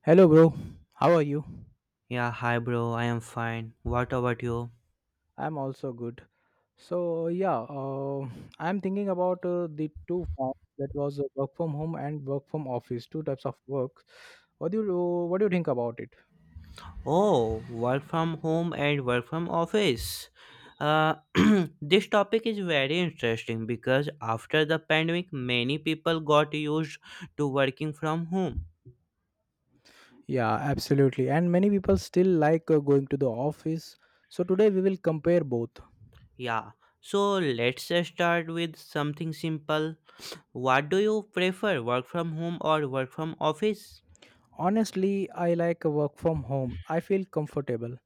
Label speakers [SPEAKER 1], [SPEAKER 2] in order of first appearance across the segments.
[SPEAKER 1] Hello, bro. How are you?
[SPEAKER 2] Yeah, hi bro, I am fine. What about you?
[SPEAKER 1] I'm also good. So yeah, uh, I'm thinking about the two forms that was work from home and work from office, two types of work. What do you what do you think about it?
[SPEAKER 2] Oh, work from home and work from office. Uh, this topic is very interesting because after the pandemic, many people got used to working from home.
[SPEAKER 1] Yeah, absolutely. And many people still like going to the office. So today we will compare both.
[SPEAKER 2] Yeah, so let's start with something simple. What do you prefer, work from home or work from office?
[SPEAKER 1] Honestly, I like work from home. I feel comfortable.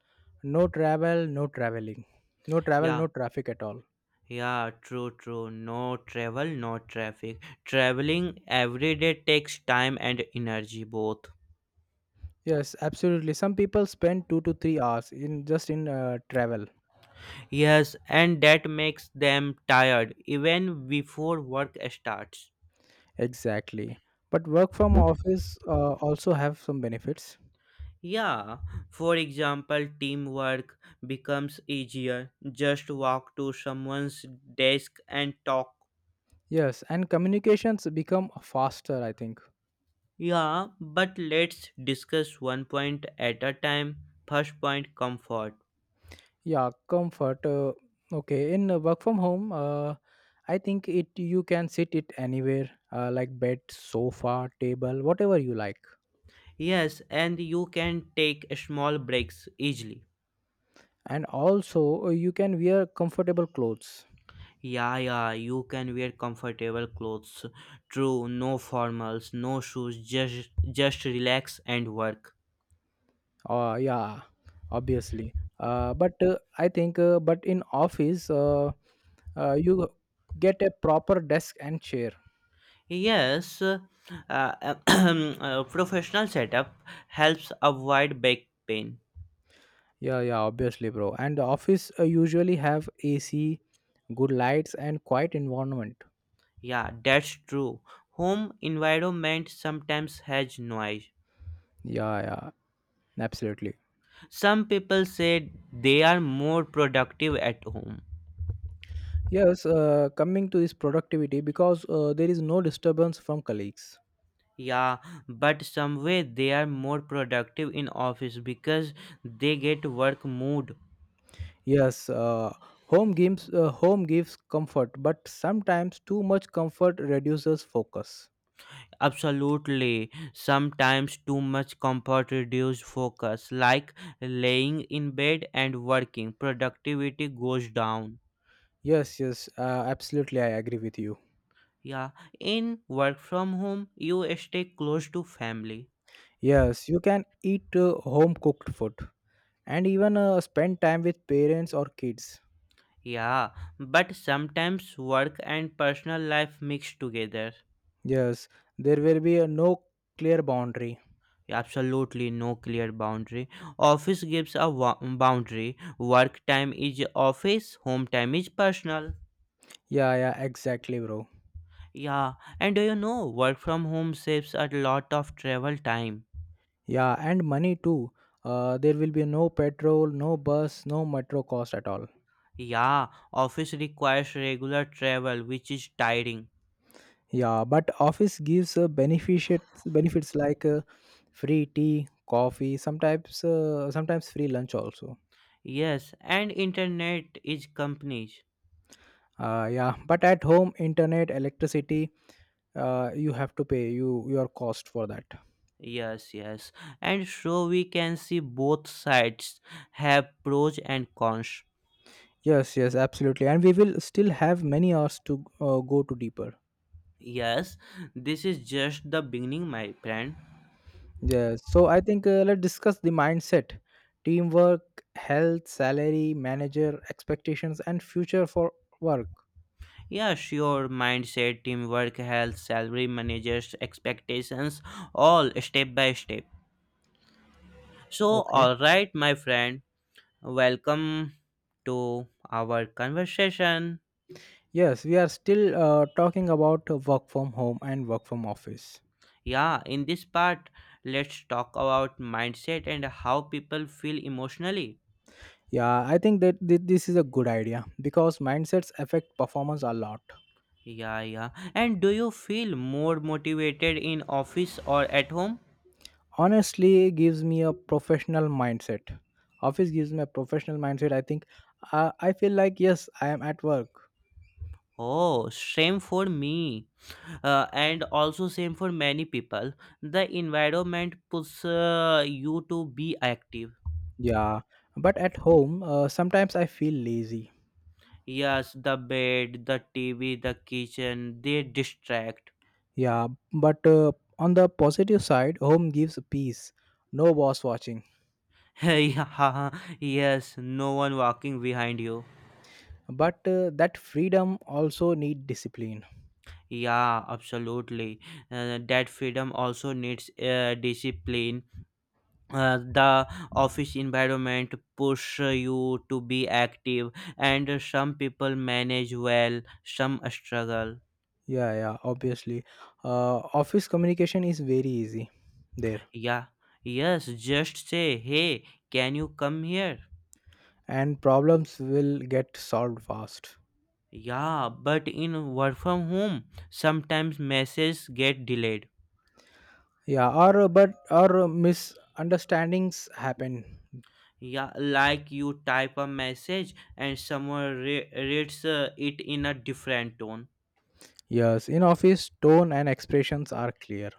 [SPEAKER 1] No travel, no traveling. No travel,
[SPEAKER 2] Yeah,
[SPEAKER 1] no traffic at all.
[SPEAKER 2] Yeah, true. No travel, no traffic. Traveling every day takes time and energy both.
[SPEAKER 1] Yes, absolutely. Some people spend 2 to 3 hours in just in travel.
[SPEAKER 2] Yes, and that makes them tired even before work starts.
[SPEAKER 1] Exactly. But work from office also have some benefits.
[SPEAKER 2] Yeah, for example, teamwork becomes easier. Just walk to someone's desk and talk.
[SPEAKER 1] Yes, and communications become faster, I think.
[SPEAKER 2] Yeah, but let's discuss one point at a time. First point, comfort.
[SPEAKER 1] Yeah, comfort. Okay, in work from home, I think it you can sit it anywhere, like bed, sofa, table, whatever you like,
[SPEAKER 2] Yes, and you can take small breaks easily.
[SPEAKER 1] and also you can wear comfortable clothes.
[SPEAKER 2] Yeah, you can wear comfortable clothes. True, no formals, no shoes, just relax and work.
[SPEAKER 1] Yeah, obviously. Uh, but uh, i think uh, but in office you get a proper desk and chair.
[SPEAKER 2] Yes, professional setup helps avoid back pain.
[SPEAKER 1] Yeah, yeah, obviously, bro. And the office usually have ac, good lights and quiet environment.
[SPEAKER 2] Yeah, that's true. Home environment sometimes has noise.
[SPEAKER 1] Yeah, yeah, absolutely.
[SPEAKER 2] Some people say they are more productive at home.
[SPEAKER 1] Yes Coming to this productivity, because there is no disturbance from colleagues.
[SPEAKER 2] Yeah, but some way they are more productive in office because they get work mood.
[SPEAKER 1] Yes uh, home gives uh, home gives comfort, but sometimes too much comfort reduces focus.
[SPEAKER 2] Absolutely. Sometimes too much comfort reduces focus, like laying in bed and working. Productivity goes down.
[SPEAKER 1] Yes, yes, absolutely. I agree with you.
[SPEAKER 2] Yeah, in work from home, you stay close to family.
[SPEAKER 1] Yes, you can eat home cooked food and even spend time with parents or kids.
[SPEAKER 2] Yeah, but sometimes work and personal life mix together.
[SPEAKER 1] Yes, there will be no clear boundary.
[SPEAKER 2] Absolutely, no clear boundary. Office gives a boundary. Work time is office, home time is personal.
[SPEAKER 1] Yeah, yeah, exactly, bro.
[SPEAKER 2] Yeah, and do you know, work from home saves a lot of travel time.
[SPEAKER 1] Yeah, and money too. There will be no petrol, no bus, no metro cost at all.
[SPEAKER 2] Yeah, office requires regular travel, which is tiring.
[SPEAKER 1] Yeah, but office gives benefits like free tea, coffee, sometimes free lunch also.
[SPEAKER 2] Yes, and internet is companies.
[SPEAKER 1] Yeah, but at home, internet, electricity, you have to pay your cost for that.
[SPEAKER 2] Yes, and so we can see both sides have pros and cons.
[SPEAKER 1] Yes, yes, absolutely. And we will still have many hours to go to deeper.
[SPEAKER 2] Yes, this is just the beginning, my friend.
[SPEAKER 1] Yes, so I think let's discuss the mindset, teamwork, health, salary, manager expectations and future for work.
[SPEAKER 2] Yeah, sure, mindset, teamwork, health, salary, managers, expectations, all step by step. So,
[SPEAKER 1] Okay.
[SPEAKER 2] all right, my friend, welcome to our conversation.
[SPEAKER 1] Yes, we are still talking about work from home and work from office.
[SPEAKER 2] Yeah, in this part, let's talk about mindset and how people feel emotionally.
[SPEAKER 1] Yeah, I think this is a good idea, because mindsets affect performance a lot.
[SPEAKER 2] Yeah. And do you feel more motivated in office or at home?
[SPEAKER 1] Honestly gives me a professional mindset office gives me a professional mindset, I think. I feel like, yes, I am at work.
[SPEAKER 2] Oh, same for me. And also same for many people. The environment puts you to be active.
[SPEAKER 1] Yeah, but at home sometimes I feel lazy.
[SPEAKER 2] Yes, the bed, the TV, the kitchen, they distract.
[SPEAKER 1] Yeah, but on the positive side, home gives peace. No boss watching.
[SPEAKER 2] Yeah, yes, no one walking behind you.
[SPEAKER 1] But that freedom also need discipline.
[SPEAKER 2] Yeah, absolutely. That freedom also needs discipline. The office environment push you to be active, and some people manage well, some struggle.
[SPEAKER 1] Yeah, yeah, obviously. Office communication is very easy there,
[SPEAKER 2] Yeah, yes, just say, hey, can you come here?
[SPEAKER 1] and problems will get solved fast.
[SPEAKER 2] Yeah, but in work from home, sometimes messages get delayed.
[SPEAKER 1] Yeah, or misunderstandings happen.
[SPEAKER 2] Yeah, like you type a message and someone reads it in a different tone.
[SPEAKER 1] Yes, in office tone and expressions are clear.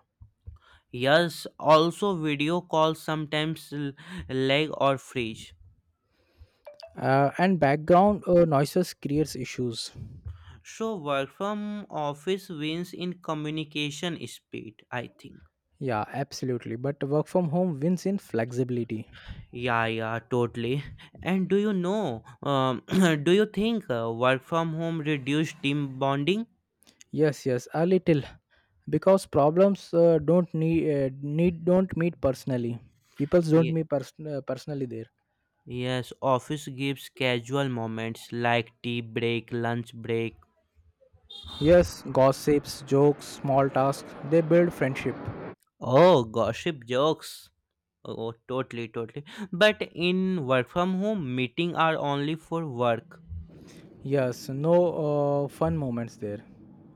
[SPEAKER 2] Yes, also video calls sometimes lag or freeze.
[SPEAKER 1] And background noises creates issues.
[SPEAKER 2] So work from office wins in communication speed, I think.
[SPEAKER 1] Yeah, absolutely, but work from home wins in flexibility.
[SPEAKER 2] Yeah, totally. And do you know? Do you think work from home reduce team bonding?
[SPEAKER 1] Yes, yes, a little, because problems don't need need don't meet personally people don't meet personally there.
[SPEAKER 2] Yes, office gives casual moments like tea break, lunch break.
[SPEAKER 1] Yes, gossips, jokes, small tasks, they build friendship.
[SPEAKER 2] Oh, gossip jokes. Oh, totally. But in work from home, meeting are only for work.
[SPEAKER 1] Yes, no fun moments there.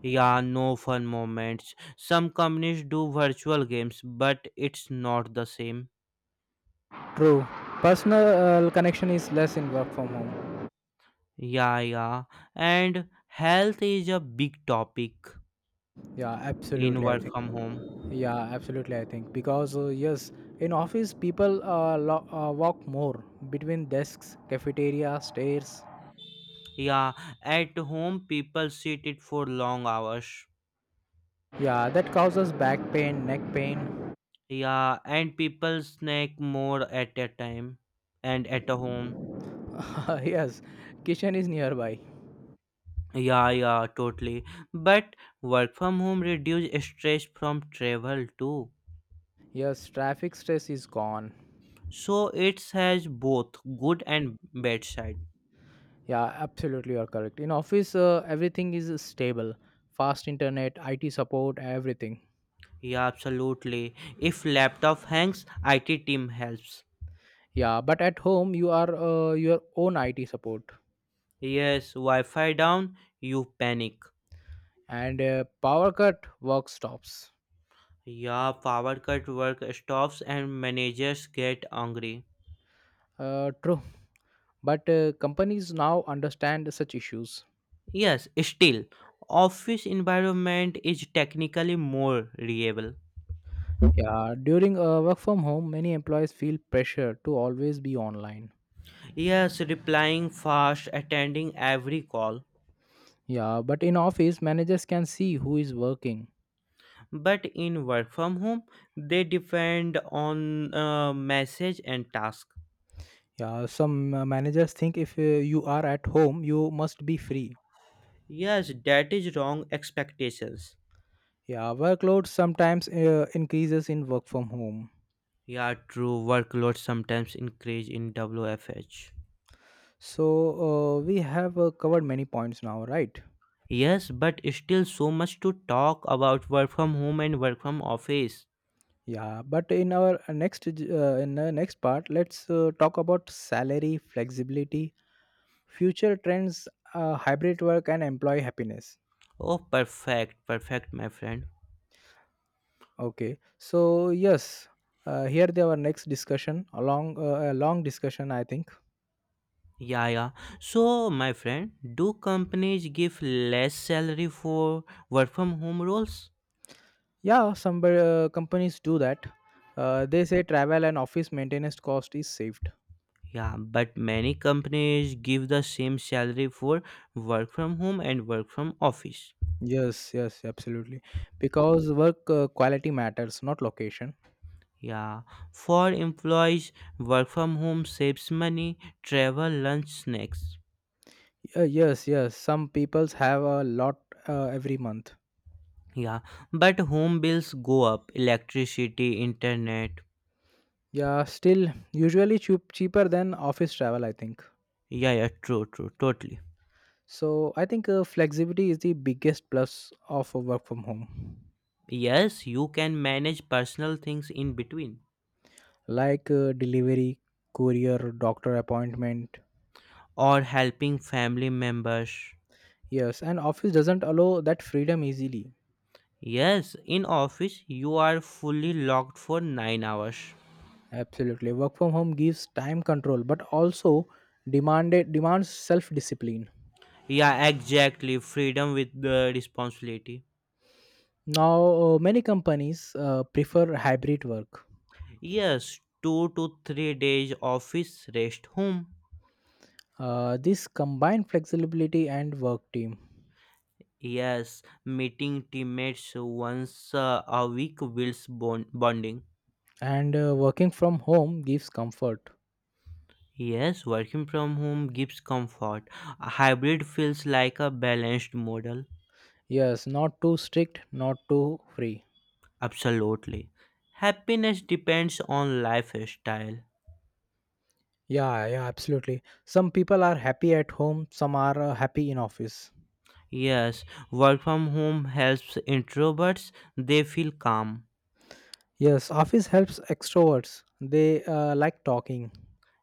[SPEAKER 2] Yeah, no fun moments. Some companies do virtual games, but it's not the same.
[SPEAKER 1] True. Personal connection is less in work from home.
[SPEAKER 2] Yeah. And health is a big topic
[SPEAKER 1] Yeah,
[SPEAKER 2] in
[SPEAKER 1] absolutely, I
[SPEAKER 2] work
[SPEAKER 1] think.
[SPEAKER 2] from home.
[SPEAKER 1] Yeah, absolutely, I think, because yes, in office people walk more between desks, cafeteria, stairs.
[SPEAKER 2] Yeah, at home people sit it for long hours.
[SPEAKER 1] Yeah, that causes back pain, neck pain.
[SPEAKER 2] Yeah, and people snack more at a time and at a home.
[SPEAKER 1] Yes, kitchen is nearby.
[SPEAKER 2] Yeah, totally. But work from home reduce stress from travel too.
[SPEAKER 1] Yes, traffic stress is gone.
[SPEAKER 2] So it has both good and bad side.
[SPEAKER 1] Yeah, absolutely, you're correct. In office, everything is stable. Fast internet, IT support, everything.
[SPEAKER 2] Yeah, absolutely. If laptop hangs, IT team helps.
[SPEAKER 1] Yeah, but at home you are, your own IT support.
[SPEAKER 2] Yes, Wi-Fi down, you panic.
[SPEAKER 1] And power cut work stops.
[SPEAKER 2] Yeah, power cut work stops and managers get angry.
[SPEAKER 1] True, but companies now understand such issues.
[SPEAKER 2] Yes, still, office environment is technically more reliable.
[SPEAKER 1] Yeah, during work from home, many employees feel pressure to always be online.
[SPEAKER 2] Yes, replying fast, attending every call.
[SPEAKER 1] Yeah, but in office, managers can see who is working.
[SPEAKER 2] But in work from home, they depend on message and task.
[SPEAKER 1] Yeah, some managers think if you are at home, you must be free.
[SPEAKER 2] Yes, that is wrong expectations.
[SPEAKER 1] Yeah, workload sometimes increases in work from home.
[SPEAKER 2] Yeah, true. Workload sometimes increase in WFH.
[SPEAKER 1] So we have covered many points now, right?
[SPEAKER 2] Yes, but still so much to talk about work from home and work from office.
[SPEAKER 1] Yeah, but in the next part, let's talk about salary flexibility, future trends, hybrid work, and employee happiness.
[SPEAKER 2] Oh, perfect, my friend.
[SPEAKER 1] Okay, so yes, here they our next discussion, a long discussion, I think.
[SPEAKER 2] Yeah. So, my friend, do companies give less salary for work from home roles?
[SPEAKER 1] Yeah, some companies do that. They say travel and office maintenance cost is saved.
[SPEAKER 2] Yeah, but many companies give the same salary for work from home and work from office.
[SPEAKER 1] Yes, yes, absolutely. Because work quality matters, not location.
[SPEAKER 2] Yeah, for employees, work from home saves money, travel, lunch, snacks.
[SPEAKER 1] Yes, yes. Some peoples have a lot every month.
[SPEAKER 2] Yeah, but home bills go up, electricity, internet.
[SPEAKER 1] Yeah, still cheaper than office travel, I think.
[SPEAKER 2] Yeah, true, totally.
[SPEAKER 1] So I think flexibility is the biggest plus of a work from home,
[SPEAKER 2] Yes, you can manage personal things in between,
[SPEAKER 1] like delivery, courier, doctor appointment.
[SPEAKER 2] or helping family members.
[SPEAKER 1] Yes, and office doesn't allow that freedom easily.
[SPEAKER 2] Yes, in office you are fully locked for 9 hours.
[SPEAKER 1] Absolutely, work from home gives time control, but also demanded demands self discipline.
[SPEAKER 2] Yeah, exactly. Freedom with the responsibility.
[SPEAKER 1] Now, many companies prefer hybrid work.
[SPEAKER 2] Yes, 2 to 3 days office, rest home.
[SPEAKER 1] This combine flexibility and work team,
[SPEAKER 2] Yes, meeting teammates once a week builds bonding.
[SPEAKER 1] and working from home gives comfort.
[SPEAKER 2] Yes, working from home gives comfort. A hybrid feels like a balanced model.
[SPEAKER 1] Yes, not too strict, not too free.
[SPEAKER 2] Absolutely. Happiness depends on lifestyle.
[SPEAKER 1] Yeah, yeah, absolutely. Some people are happy at home, some are happy in office.
[SPEAKER 2] Yes, work from home helps introverts. They feel calm.
[SPEAKER 1] Yes, office helps extroverts, they like talking.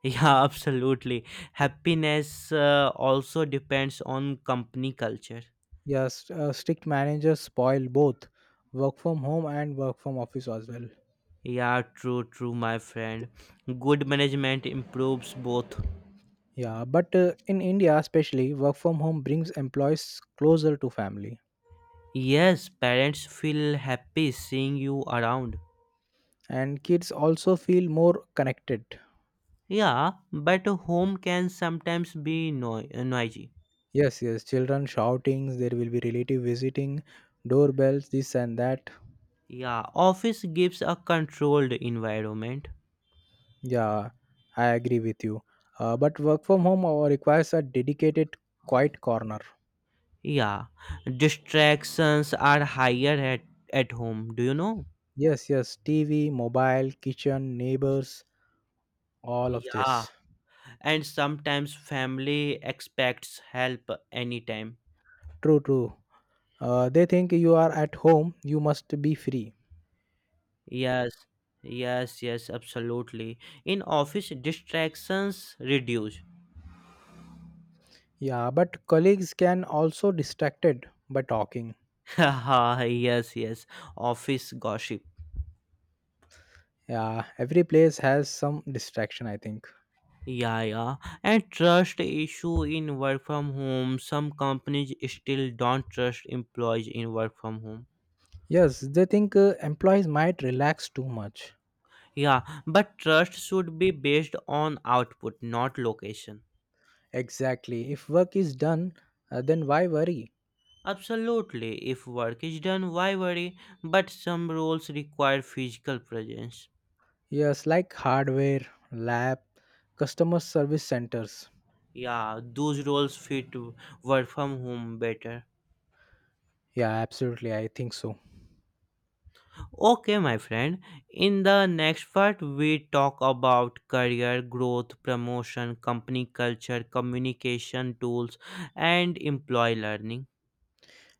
[SPEAKER 2] Yeah, absolutely. Happiness also depends on company culture.
[SPEAKER 1] Yes, strict managers spoil both work from home and work from office as well.
[SPEAKER 2] Yeah, true, my friend. Good management improves both.
[SPEAKER 1] Yeah, but in india especially, work from home brings employees closer to family.
[SPEAKER 2] Yes, parents feel happy seeing you around.
[SPEAKER 1] And kids also feel more connected.
[SPEAKER 2] Yeah, but home can sometimes be noisy.
[SPEAKER 1] Yes, yes, children shoutings, there will be relative visiting, doorbells, this and that.
[SPEAKER 2] Yeah, office gives a controlled environment.
[SPEAKER 1] Yeah, I agree with you. But work from home requires a dedicated quiet corner.
[SPEAKER 2] Yeah, distractions are higher at home, do you know?
[SPEAKER 1] Yes, yes, TV, mobile, kitchen, neighbors, all of
[SPEAKER 2] Yeah,
[SPEAKER 1] this.
[SPEAKER 2] and sometimes family expects help anytime.
[SPEAKER 1] True, true. They think you are at home, you must be free.
[SPEAKER 2] Yes, yes, absolutely. In office, distractions reduce.
[SPEAKER 1] Yeah, but colleagues can also distracted by talking.
[SPEAKER 2] Haha, yes, office gossip.
[SPEAKER 1] Yeah, every place has some distraction, I think.
[SPEAKER 2] Yeah, and trust issue in work from home. Some companies still don't trust employees in work from home.
[SPEAKER 1] Yes, they think employees might relax too much.
[SPEAKER 2] Yeah, but trust should be based on output, not location.
[SPEAKER 1] Exactly. If work is done, then why worry?
[SPEAKER 2] Absolutely, if work is done, why worry? But some roles require physical presence.
[SPEAKER 1] Yes, like hardware, lab, customer service centers.
[SPEAKER 2] Yeah, those roles fit work from home better.
[SPEAKER 1] Yeah, absolutely, I think so.
[SPEAKER 2] Okay, my friend, in the next part, we talk about career growth, promotion, company culture, communication tools, and employee learning.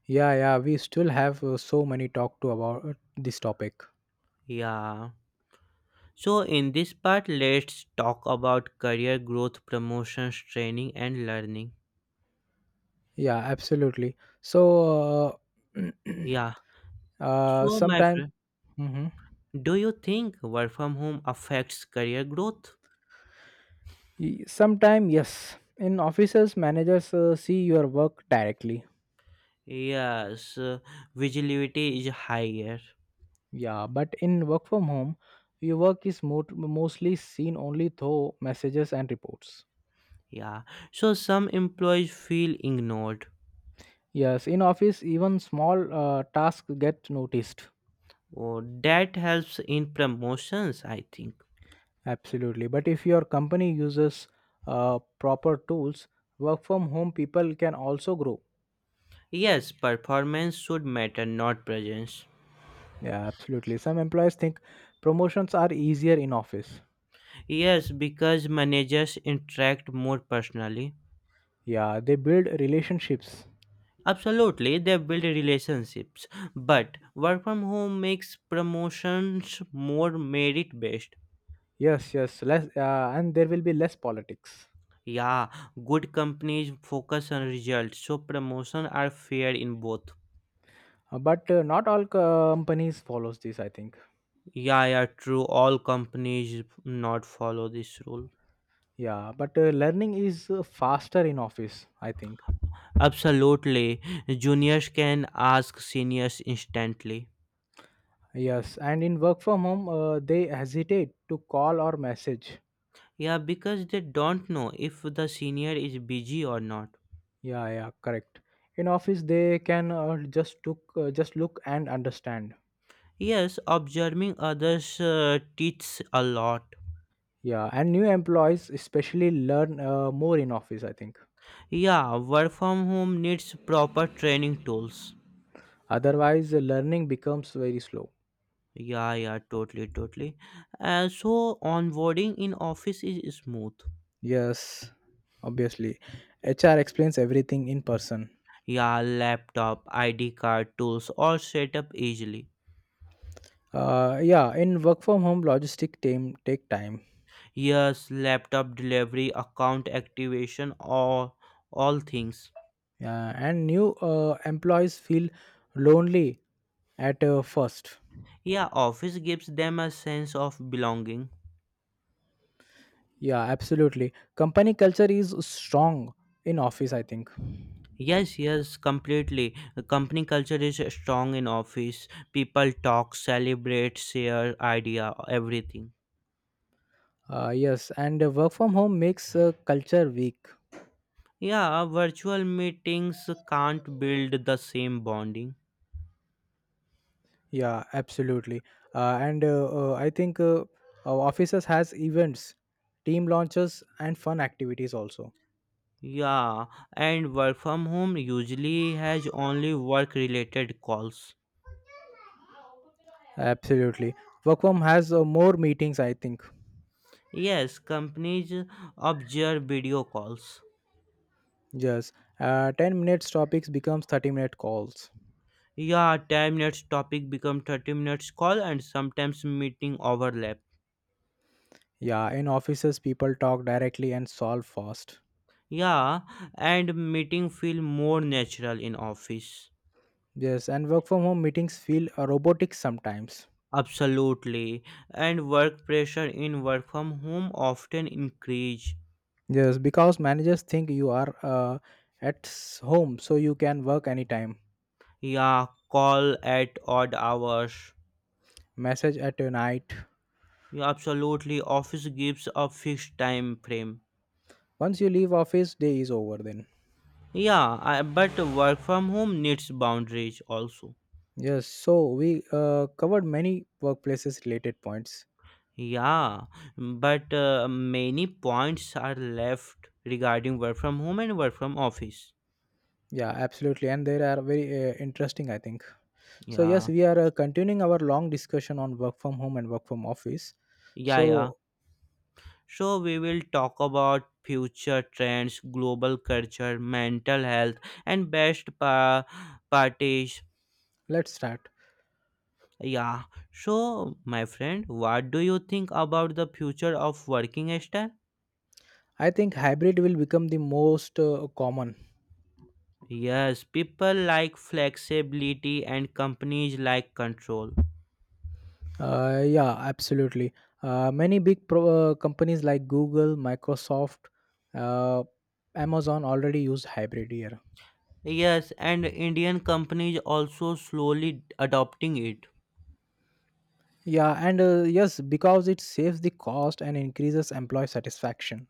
[SPEAKER 1] Yeah, yeah. We still have so many talk to about this topic.
[SPEAKER 2] Yeah. So, in this part, let's talk about career growth, promotions, training, and learning.
[SPEAKER 1] Yeah, absolutely. So, uh,
[SPEAKER 2] Yeah.
[SPEAKER 1] uh,
[SPEAKER 2] So, my
[SPEAKER 1] sometime,
[SPEAKER 2] friend,
[SPEAKER 1] mm-hmm.
[SPEAKER 2] do you think work from home affects career growth?
[SPEAKER 1] Sometime, yes. In offices, managers see your work directly.
[SPEAKER 2] Yes, visibility is higher.
[SPEAKER 1] Yeah, but in work from home, your work is mostly seen only through messages and reports.
[SPEAKER 2] Yeah. So, some employees feel ignored.
[SPEAKER 1] Yes, in office, even small tasks get noticed.
[SPEAKER 2] Oh, that helps in promotions, I think.
[SPEAKER 1] Absolutely. But if your company uses proper tools, work from home people can also grow.
[SPEAKER 2] Yes, performance should matter, not presence.
[SPEAKER 1] Yeah, absolutely. Some employees think promotions are easier in office.
[SPEAKER 2] Yes, because managers interact more personally.
[SPEAKER 1] Yeah, they build relationships.
[SPEAKER 2] Absolutely, they build relationships, but work from home makes promotions more merit based.
[SPEAKER 1] Yes, yes, less, and there will be less politics.
[SPEAKER 2] Yeah, good companies focus on results, so promotions are fair in both.
[SPEAKER 1] But not all companies follows this, I think.
[SPEAKER 2] Yeah, true. All companies not follow this rule.
[SPEAKER 1] Yeah, but learning is faster in office, I think.
[SPEAKER 2] Absolutely, juniors can ask seniors instantly.
[SPEAKER 1] Yes, and in work from home, they hesitate to call or message.
[SPEAKER 2] Yeah, because they don't know if the senior is busy or not.
[SPEAKER 1] Yeah, yeah, correct. In office, they can just look and understand.
[SPEAKER 2] Yes, observing others teaches a lot.
[SPEAKER 1] Yeah, and new employees especially learn more in office, I think.
[SPEAKER 2] Yeah, work from home needs proper training tools.
[SPEAKER 1] Otherwise, learning becomes very slow.
[SPEAKER 2] Yeah, totally. So onboarding in office is smooth.
[SPEAKER 1] Yes, obviously. HR explains everything in person.
[SPEAKER 2] Yeah, laptop, ID card tools all set up easily.
[SPEAKER 1] Yeah, in work from home, logistic team take time.
[SPEAKER 2] Yes, laptop delivery, account activation, all things.
[SPEAKER 1] Yeah, and new employees feel lonely at first.
[SPEAKER 2] Yeah, office gives them a sense of belonging.
[SPEAKER 1] Yeah, absolutely. Company culture is strong in office, I think.
[SPEAKER 2] Yes, completely. The company culture is strong in office. People talk, celebrate, share idea, everything.
[SPEAKER 1] Yes, and work from home makes culture weak.
[SPEAKER 2] Yeah, virtual meetings can't build the same bonding.
[SPEAKER 1] Yeah, absolutely. And I think our offices has events, team launches, and fun activities also.
[SPEAKER 2] Yeah, and work from home usually has only work related calls.
[SPEAKER 1] Absolutely. Work from has more meetings, I think.
[SPEAKER 2] Yes, companies observe video calls.
[SPEAKER 1] Yes. 10 minutes topics becomes 30-minute calls.
[SPEAKER 2] Yeah, 10 minutes topic become 30 minutes call and sometimes meeting overlap.
[SPEAKER 1] Yeah, in offices, people talk directly and solve fast.
[SPEAKER 2] Yeah, and meeting feel more natural in office.
[SPEAKER 1] Yes, and work from home meetings feel robotic sometimes.
[SPEAKER 2] Absolutely. And work pressure in work from home often increase.
[SPEAKER 1] Yes, because managers think you are home, so you can work anytime.
[SPEAKER 2] Yeah, call at odd hours.
[SPEAKER 1] Message at a night.
[SPEAKER 2] Yeah, absolutely. Office gives a fixed time frame.
[SPEAKER 1] Once you leave office, day is over then.
[SPEAKER 2] Yeah, I, but work from home needs boundaries also.
[SPEAKER 1] Yes, so we covered many workplaces related points.
[SPEAKER 2] Yeah, but many points are left regarding work from home and work from office.
[SPEAKER 1] Yeah, absolutely, and they are very interesting, I think. So yes,
[SPEAKER 2] Yeah,
[SPEAKER 1] we are continuing our long discussion on work from home and work from office.
[SPEAKER 2] yeah.
[SPEAKER 1] So
[SPEAKER 2] So we will talk about future trends, global culture, mental health, and best parties.
[SPEAKER 1] let's start.
[SPEAKER 2] Yeah. So, my friend, what do you think about the future of working style?
[SPEAKER 1] I think hybrid will become the most common.
[SPEAKER 2] Yes, people like flexibility and companies like control.
[SPEAKER 1] Yeah, absolutely. Many big companies like Google, Microsoft, uh, Amazon already use hybrid here.
[SPEAKER 2] Yes, and Indian companies also slowly adopting it.
[SPEAKER 1] Yeah, and yes, because it saves the cost and increases employee satisfaction.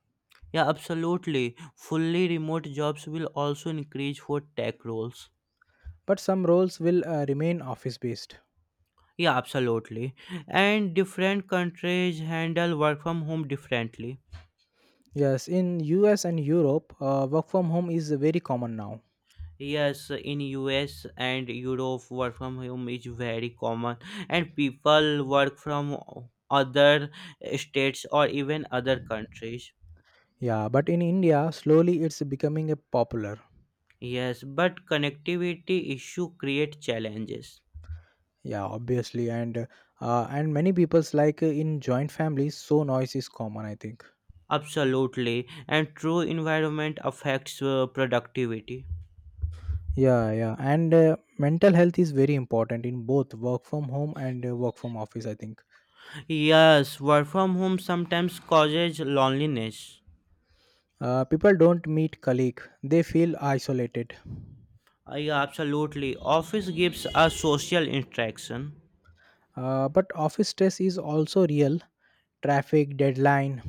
[SPEAKER 2] Yeah, absolutely. Fully remote jobs will also increase for tech roles.
[SPEAKER 1] But some roles will remain office based.
[SPEAKER 2] Yeah, absolutely. And different countries handle work from home differently.
[SPEAKER 1] Yes, in US and Europe, work from home is very common now.
[SPEAKER 2] Yes, in US and Europe, work from home is very common, and people work from other states or even other countries.
[SPEAKER 1] Yeah, but in India, slowly it's becoming a popular.
[SPEAKER 2] Yes, but connectivity issue create challenges.
[SPEAKER 1] Yeah, obviously. And many people's like in joint families, so noise is common, I think.
[SPEAKER 2] Absolutely, and true environment affects productivity.
[SPEAKER 1] Yeah, yeah and Mental health is very important in both work from home and work from office, I think.
[SPEAKER 2] Yes, work from home sometimes causes loneliness.
[SPEAKER 1] People don't meet colleague, they feel isolated.
[SPEAKER 2] Yeah, absolutely. Office gives a social interaction.
[SPEAKER 1] But office stress is also real. Traffic, deadline.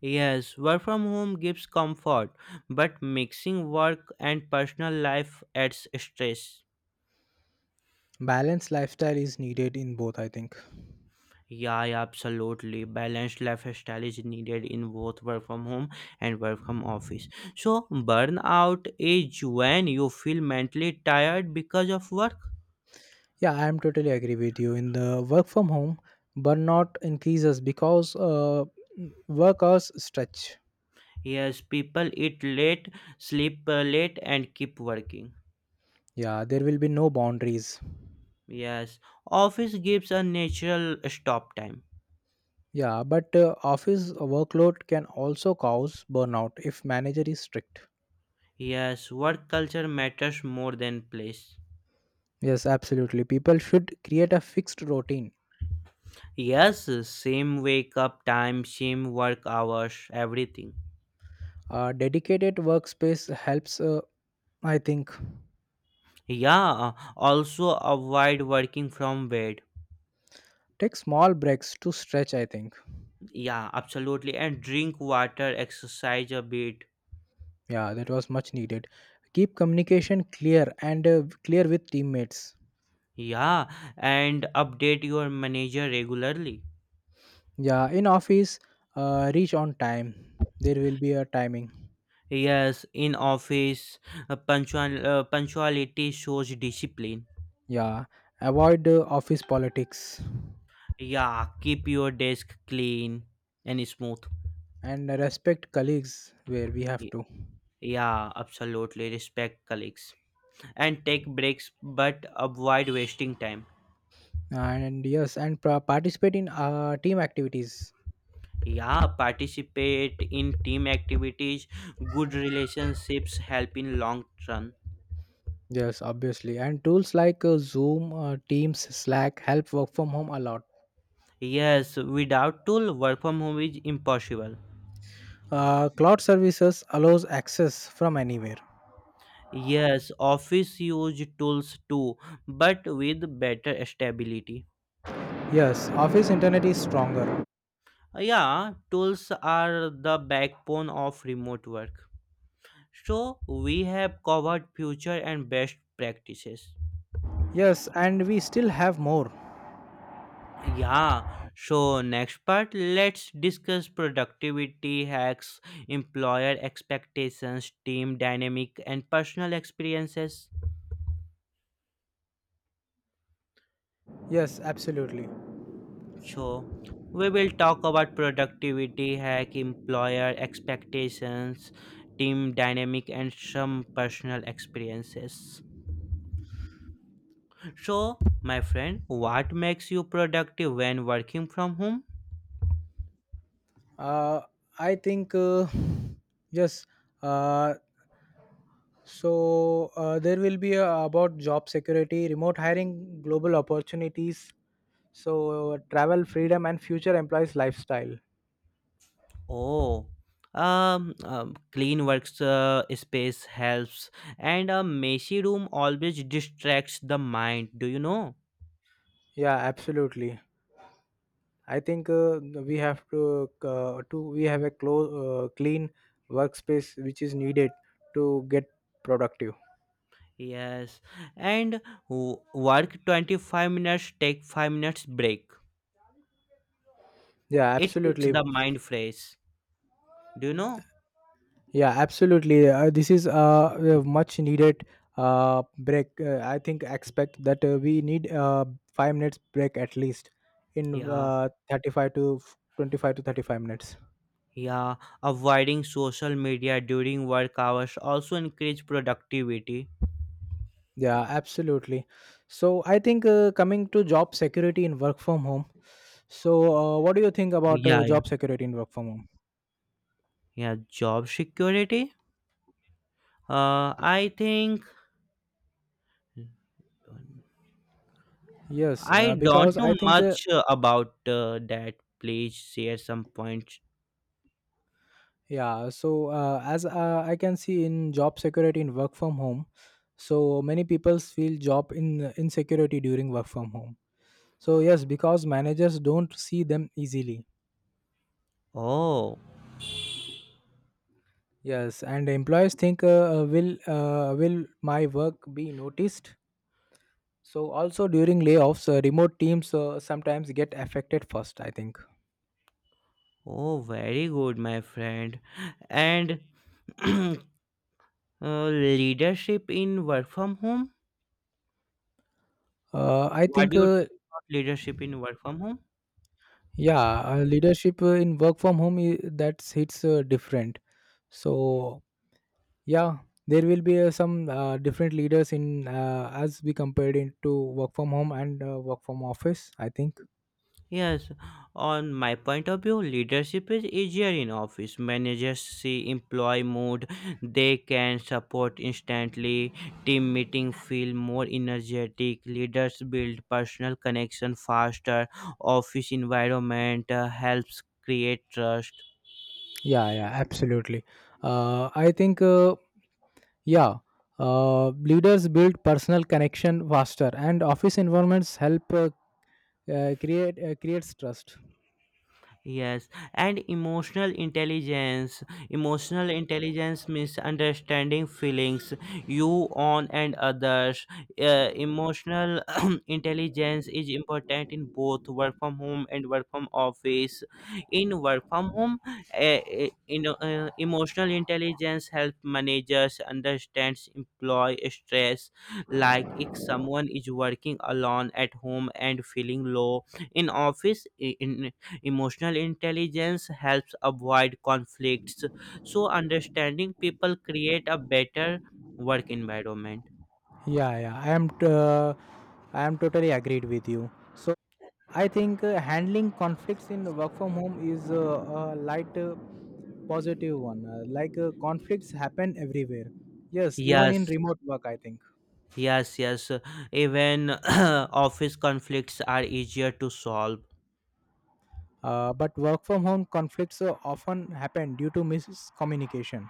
[SPEAKER 2] Yes, work from home gives comfort, but mixing work and personal life adds stress.
[SPEAKER 1] Balanced lifestyle is needed in both, I think.
[SPEAKER 2] Yeah, absolutely. Balanced lifestyle is needed in both work from home and work from office. So, burnout is when you feel mentally tired because of work.
[SPEAKER 1] Yeah, I am totally agree with you. In the work from home, burnout increases because work hours stretch.
[SPEAKER 2] Yes, people eat late, sleep late, and keep working.
[SPEAKER 1] Yeah, there will be no boundaries.
[SPEAKER 2] Yes, office gives a natural stop time.
[SPEAKER 1] Yeah, but office workload can also cause burnout if manager is strict.
[SPEAKER 2] Yes, work culture matters more than place.
[SPEAKER 1] Yes, absolutely. People should create a fixed routine.
[SPEAKER 2] Yes, same wake up time, same work hours, everything.
[SPEAKER 1] A dedicated workspace helps, I think.
[SPEAKER 2] Yeah, also avoid working from bed.
[SPEAKER 1] Take small breaks to stretch, I think.
[SPEAKER 2] Yeah, absolutely. And drink water, exercise a bit.
[SPEAKER 1] Yeah, that was much needed. Keep communication clear and clear with teammates.
[SPEAKER 2] Yeah, and update your manager regularly.
[SPEAKER 1] Yeah, in office, reach on time, there will be a timing.
[SPEAKER 2] Yes, in office, punctuality shows discipline.
[SPEAKER 1] Yeah. Avoid office politics
[SPEAKER 2] Yeah, keep your desk clean and smooth.
[SPEAKER 1] and respect colleagues where we have
[SPEAKER 2] Y-
[SPEAKER 1] to.
[SPEAKER 2] Yeah, absolutely. Respect colleagues, and take breaks but avoid wasting time.
[SPEAKER 1] And yes, and participate in team activities.
[SPEAKER 2] Yeah, participate in team activities. Good relationships help in long run.
[SPEAKER 1] Yes, obviously, and tools like Zoom, Teams, Slack help work from home a lot.
[SPEAKER 2] Yes, without tool work from home is impossible.
[SPEAKER 1] Cloud services allows access from anywhere.
[SPEAKER 2] Yes, office use tools too, but with better stability.
[SPEAKER 1] Yes, office internet is stronger.
[SPEAKER 2] Yeah, tools are the backbone of remote work. So we have covered future and best practices.
[SPEAKER 1] Yes, and we still have more.
[SPEAKER 2] Yeah, so next part, let's discuss productivity hacks, employer expectations, team dynamic, and personal experiences.
[SPEAKER 1] Yes, absolutely.
[SPEAKER 2] So, we will talk about productivity hack, employer expectations, team dynamic, and some personal experiences. So, my friend, what makes you productive when working from home?
[SPEAKER 1] Uh, i think uh, Yes. Uh, So uh, there will be about job security, remote hiring, global opportunities, so travel freedom and future employees lifestyle.
[SPEAKER 2] Oh, clean works space helps, and a messy room always distracts the mind. Do you know?
[SPEAKER 1] Yeah, absolutely. I think we have a close, clean workspace which is needed to get productive.
[SPEAKER 2] Yes, and work 25 minutes, take 5 minutes break.
[SPEAKER 1] Yeah,
[SPEAKER 2] It keeps
[SPEAKER 1] absolutely.
[SPEAKER 2] the mind fresh. Do you know?
[SPEAKER 1] Yeah, absolutely. This is a much needed break. I think expect that we need 5 minutes break at least in
[SPEAKER 2] Yeah,
[SPEAKER 1] 35 to 25 to 35 minutes.
[SPEAKER 2] yeah. Avoiding social media during work hours also increase productivity.
[SPEAKER 1] Yeah, absolutely. So I think coming to job security in work from home. So what do you think about
[SPEAKER 2] Yeah, yeah.
[SPEAKER 1] job security in work from home?
[SPEAKER 2] Yeah. Job security. I think
[SPEAKER 1] Yes,
[SPEAKER 2] I don't
[SPEAKER 1] because I
[SPEAKER 2] know
[SPEAKER 1] think uh,
[SPEAKER 2] much about that. Please share some points.
[SPEAKER 1] Yeah, so as I can see in job security in work from home, so many people feel job in insecurity during work from home. So yes, because managers don't see them easily.
[SPEAKER 2] Oh,
[SPEAKER 1] Yes, and employees think, will my work be noticed? So also during layoffs, remote teams sometimes get affected first, I think.
[SPEAKER 2] oh, very good, my friend. And uh, leadership in work from home.
[SPEAKER 1] Uh, I
[SPEAKER 2] What do
[SPEAKER 1] think
[SPEAKER 2] you
[SPEAKER 1] uh,
[SPEAKER 2] think about leadership in work from home?
[SPEAKER 1] yeah, leadership in work from home, that's hits different. So yeah, there will be some different leaders in as we compared into work from home and work from office, I think.
[SPEAKER 2] Yes, on my point of view, leadership is easier in office. Managers see employee mood, they can support instantly. Team meeting feel more energetic. Leaders build personal connection faster. Office environment helps create trust.
[SPEAKER 1] Yeah, yeah, absolutely. I think Yeah, leaders build personal connection faster, and office environments help creates trust.
[SPEAKER 2] Yes, and emotional intelligence. Emotional intelligence means understanding feelings you on and others. Emotional intelligence is important in both work from home and work from office. In work from home, emotional intelligence help managers understands employee stress. Like if someone is working alone at home and feeling low, in office in Emotional intelligence helps avoid conflicts. So, understanding people create a better work environment.
[SPEAKER 1] Yeah, yeah, I am totally agreed with you. So I think handling conflicts in work from home is a light, positive one. Like conflicts happen everywhere. Yes, even
[SPEAKER 2] Yes,
[SPEAKER 1] in remote work, I think.
[SPEAKER 2] yes. Even office conflicts are easier to solve.
[SPEAKER 1] But work from home conflicts often happen due to miscommunication.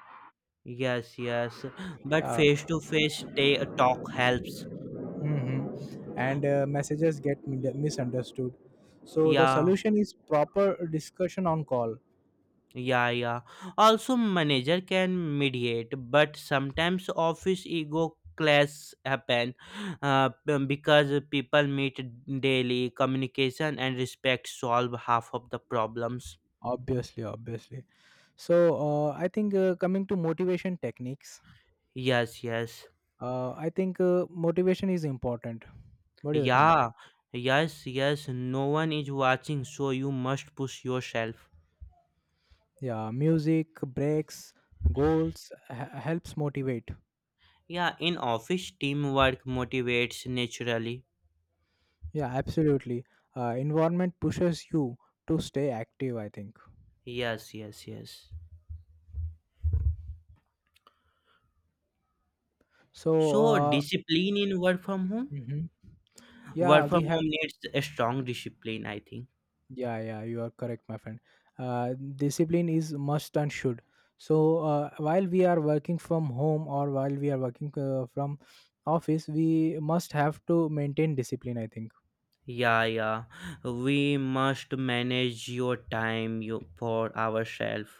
[SPEAKER 2] Yes. But
[SPEAKER 1] Uh,
[SPEAKER 2] face to face talk helps.
[SPEAKER 1] mhm. And messages get misunderstood. So the
[SPEAKER 2] Yeah.
[SPEAKER 1] solution is proper discussion on call.
[SPEAKER 2] Yeah. Also, manager can mediate, but sometimes office ego clash happen because people meet daily. Communication and respect solve half of the problems.
[SPEAKER 1] Obviously, obviously. So I think coming to motivation techniques.
[SPEAKER 2] Yes.
[SPEAKER 1] I think motivation is important. What do you think?
[SPEAKER 2] Yeah, yes. No one is watching, so you must push yourself.
[SPEAKER 1] Yeah, music breaks, helps motivate.
[SPEAKER 2] Yeah, in office, teamwork motivates naturally.
[SPEAKER 1] Yeah, absolutely. Environment pushes you to stay active, I think.
[SPEAKER 2] Yes.
[SPEAKER 1] So
[SPEAKER 2] So, discipline in work from home.
[SPEAKER 1] mhm. Yeah,
[SPEAKER 2] Work
[SPEAKER 1] we
[SPEAKER 2] from
[SPEAKER 1] have.
[SPEAKER 2] home needs a strong discipline, I think.
[SPEAKER 1] Yeah, yeah, you are correct, my friend. uh, Discipline is must and should. So while we are working from home or while we are working from office, we must have to maintain discipline, I think.
[SPEAKER 2] Yeah. We must manage your time you for ourselves.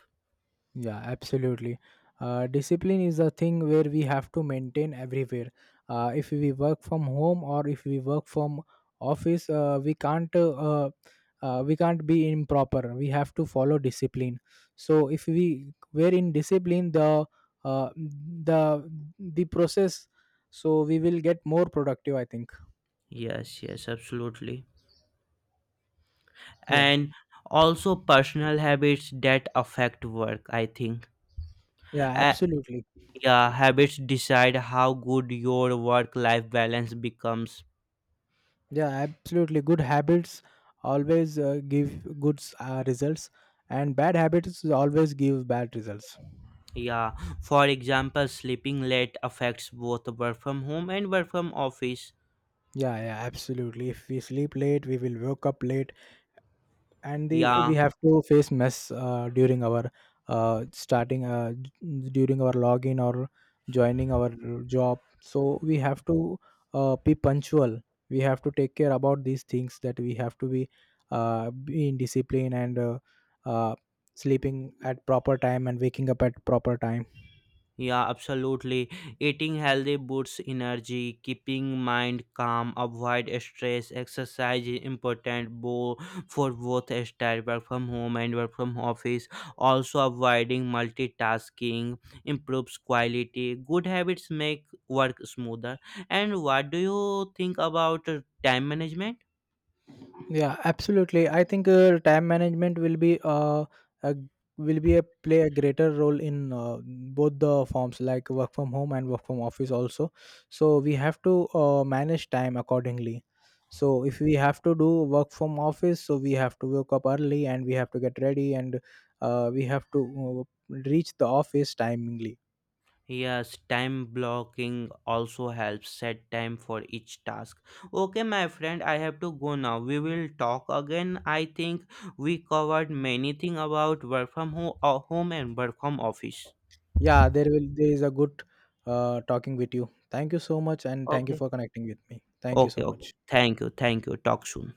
[SPEAKER 1] Yeah, absolutely. Discipline is a thing where we have to maintain everywhere. If we work from home or if we work from office, we can't be improper. We have to follow discipline. So if we were in discipline, uh, the the process, so we will get more productive, I think.
[SPEAKER 2] Yes, absolutely.
[SPEAKER 1] Yeah.
[SPEAKER 2] And also personal habits that affect work, I think.
[SPEAKER 1] Yeah,
[SPEAKER 2] Uh,
[SPEAKER 1] absolutely.
[SPEAKER 2] yeah, habits decide how good your work life balance becomes.
[SPEAKER 1] Yeah, absolutely. Good habits always give good results, and bad habits always give bad results.
[SPEAKER 2] Yeah, for example, sleeping late affects both work from home and work from office.
[SPEAKER 1] Yeah, yeah, absolutely. If we sleep late, we will wake up late, and the we
[SPEAKER 2] Yeah,
[SPEAKER 1] have to face mess during our during our login or joining our job. So we have to be punctual. We have to take care about these things, that we have to be in discipline and uh, sleeping at proper time and waking up at proper time.
[SPEAKER 2] Yeah, absolutely. Eating healthy boosts energy, keeping mind calm, avoid stress, exercise is important for both style work from home and work from office. Also avoiding multitasking improves quality. Good habits make work smoother. And what do you think about time management?
[SPEAKER 1] Yeah, absolutely. I think time management will be a, will be a play a greater role in both the forms like work from home and work from office also. So we have to manage time accordingly. So if we have to do work from office, so we have to wake up early and we have to get ready, and we have to reach the office timingly.
[SPEAKER 2] Yes, time blocking also helps set time for each task. Okay, my friend, I have to go now. We will talk again. I think we covered many things about work from home and work from office.
[SPEAKER 1] There is a good talking with you. Thank you so much, and thank you
[SPEAKER 2] Okay.
[SPEAKER 1] for connecting with me. Thank you
[SPEAKER 2] Okay,
[SPEAKER 1] so
[SPEAKER 2] okay.
[SPEAKER 1] much.
[SPEAKER 2] Thank you. Talk soon.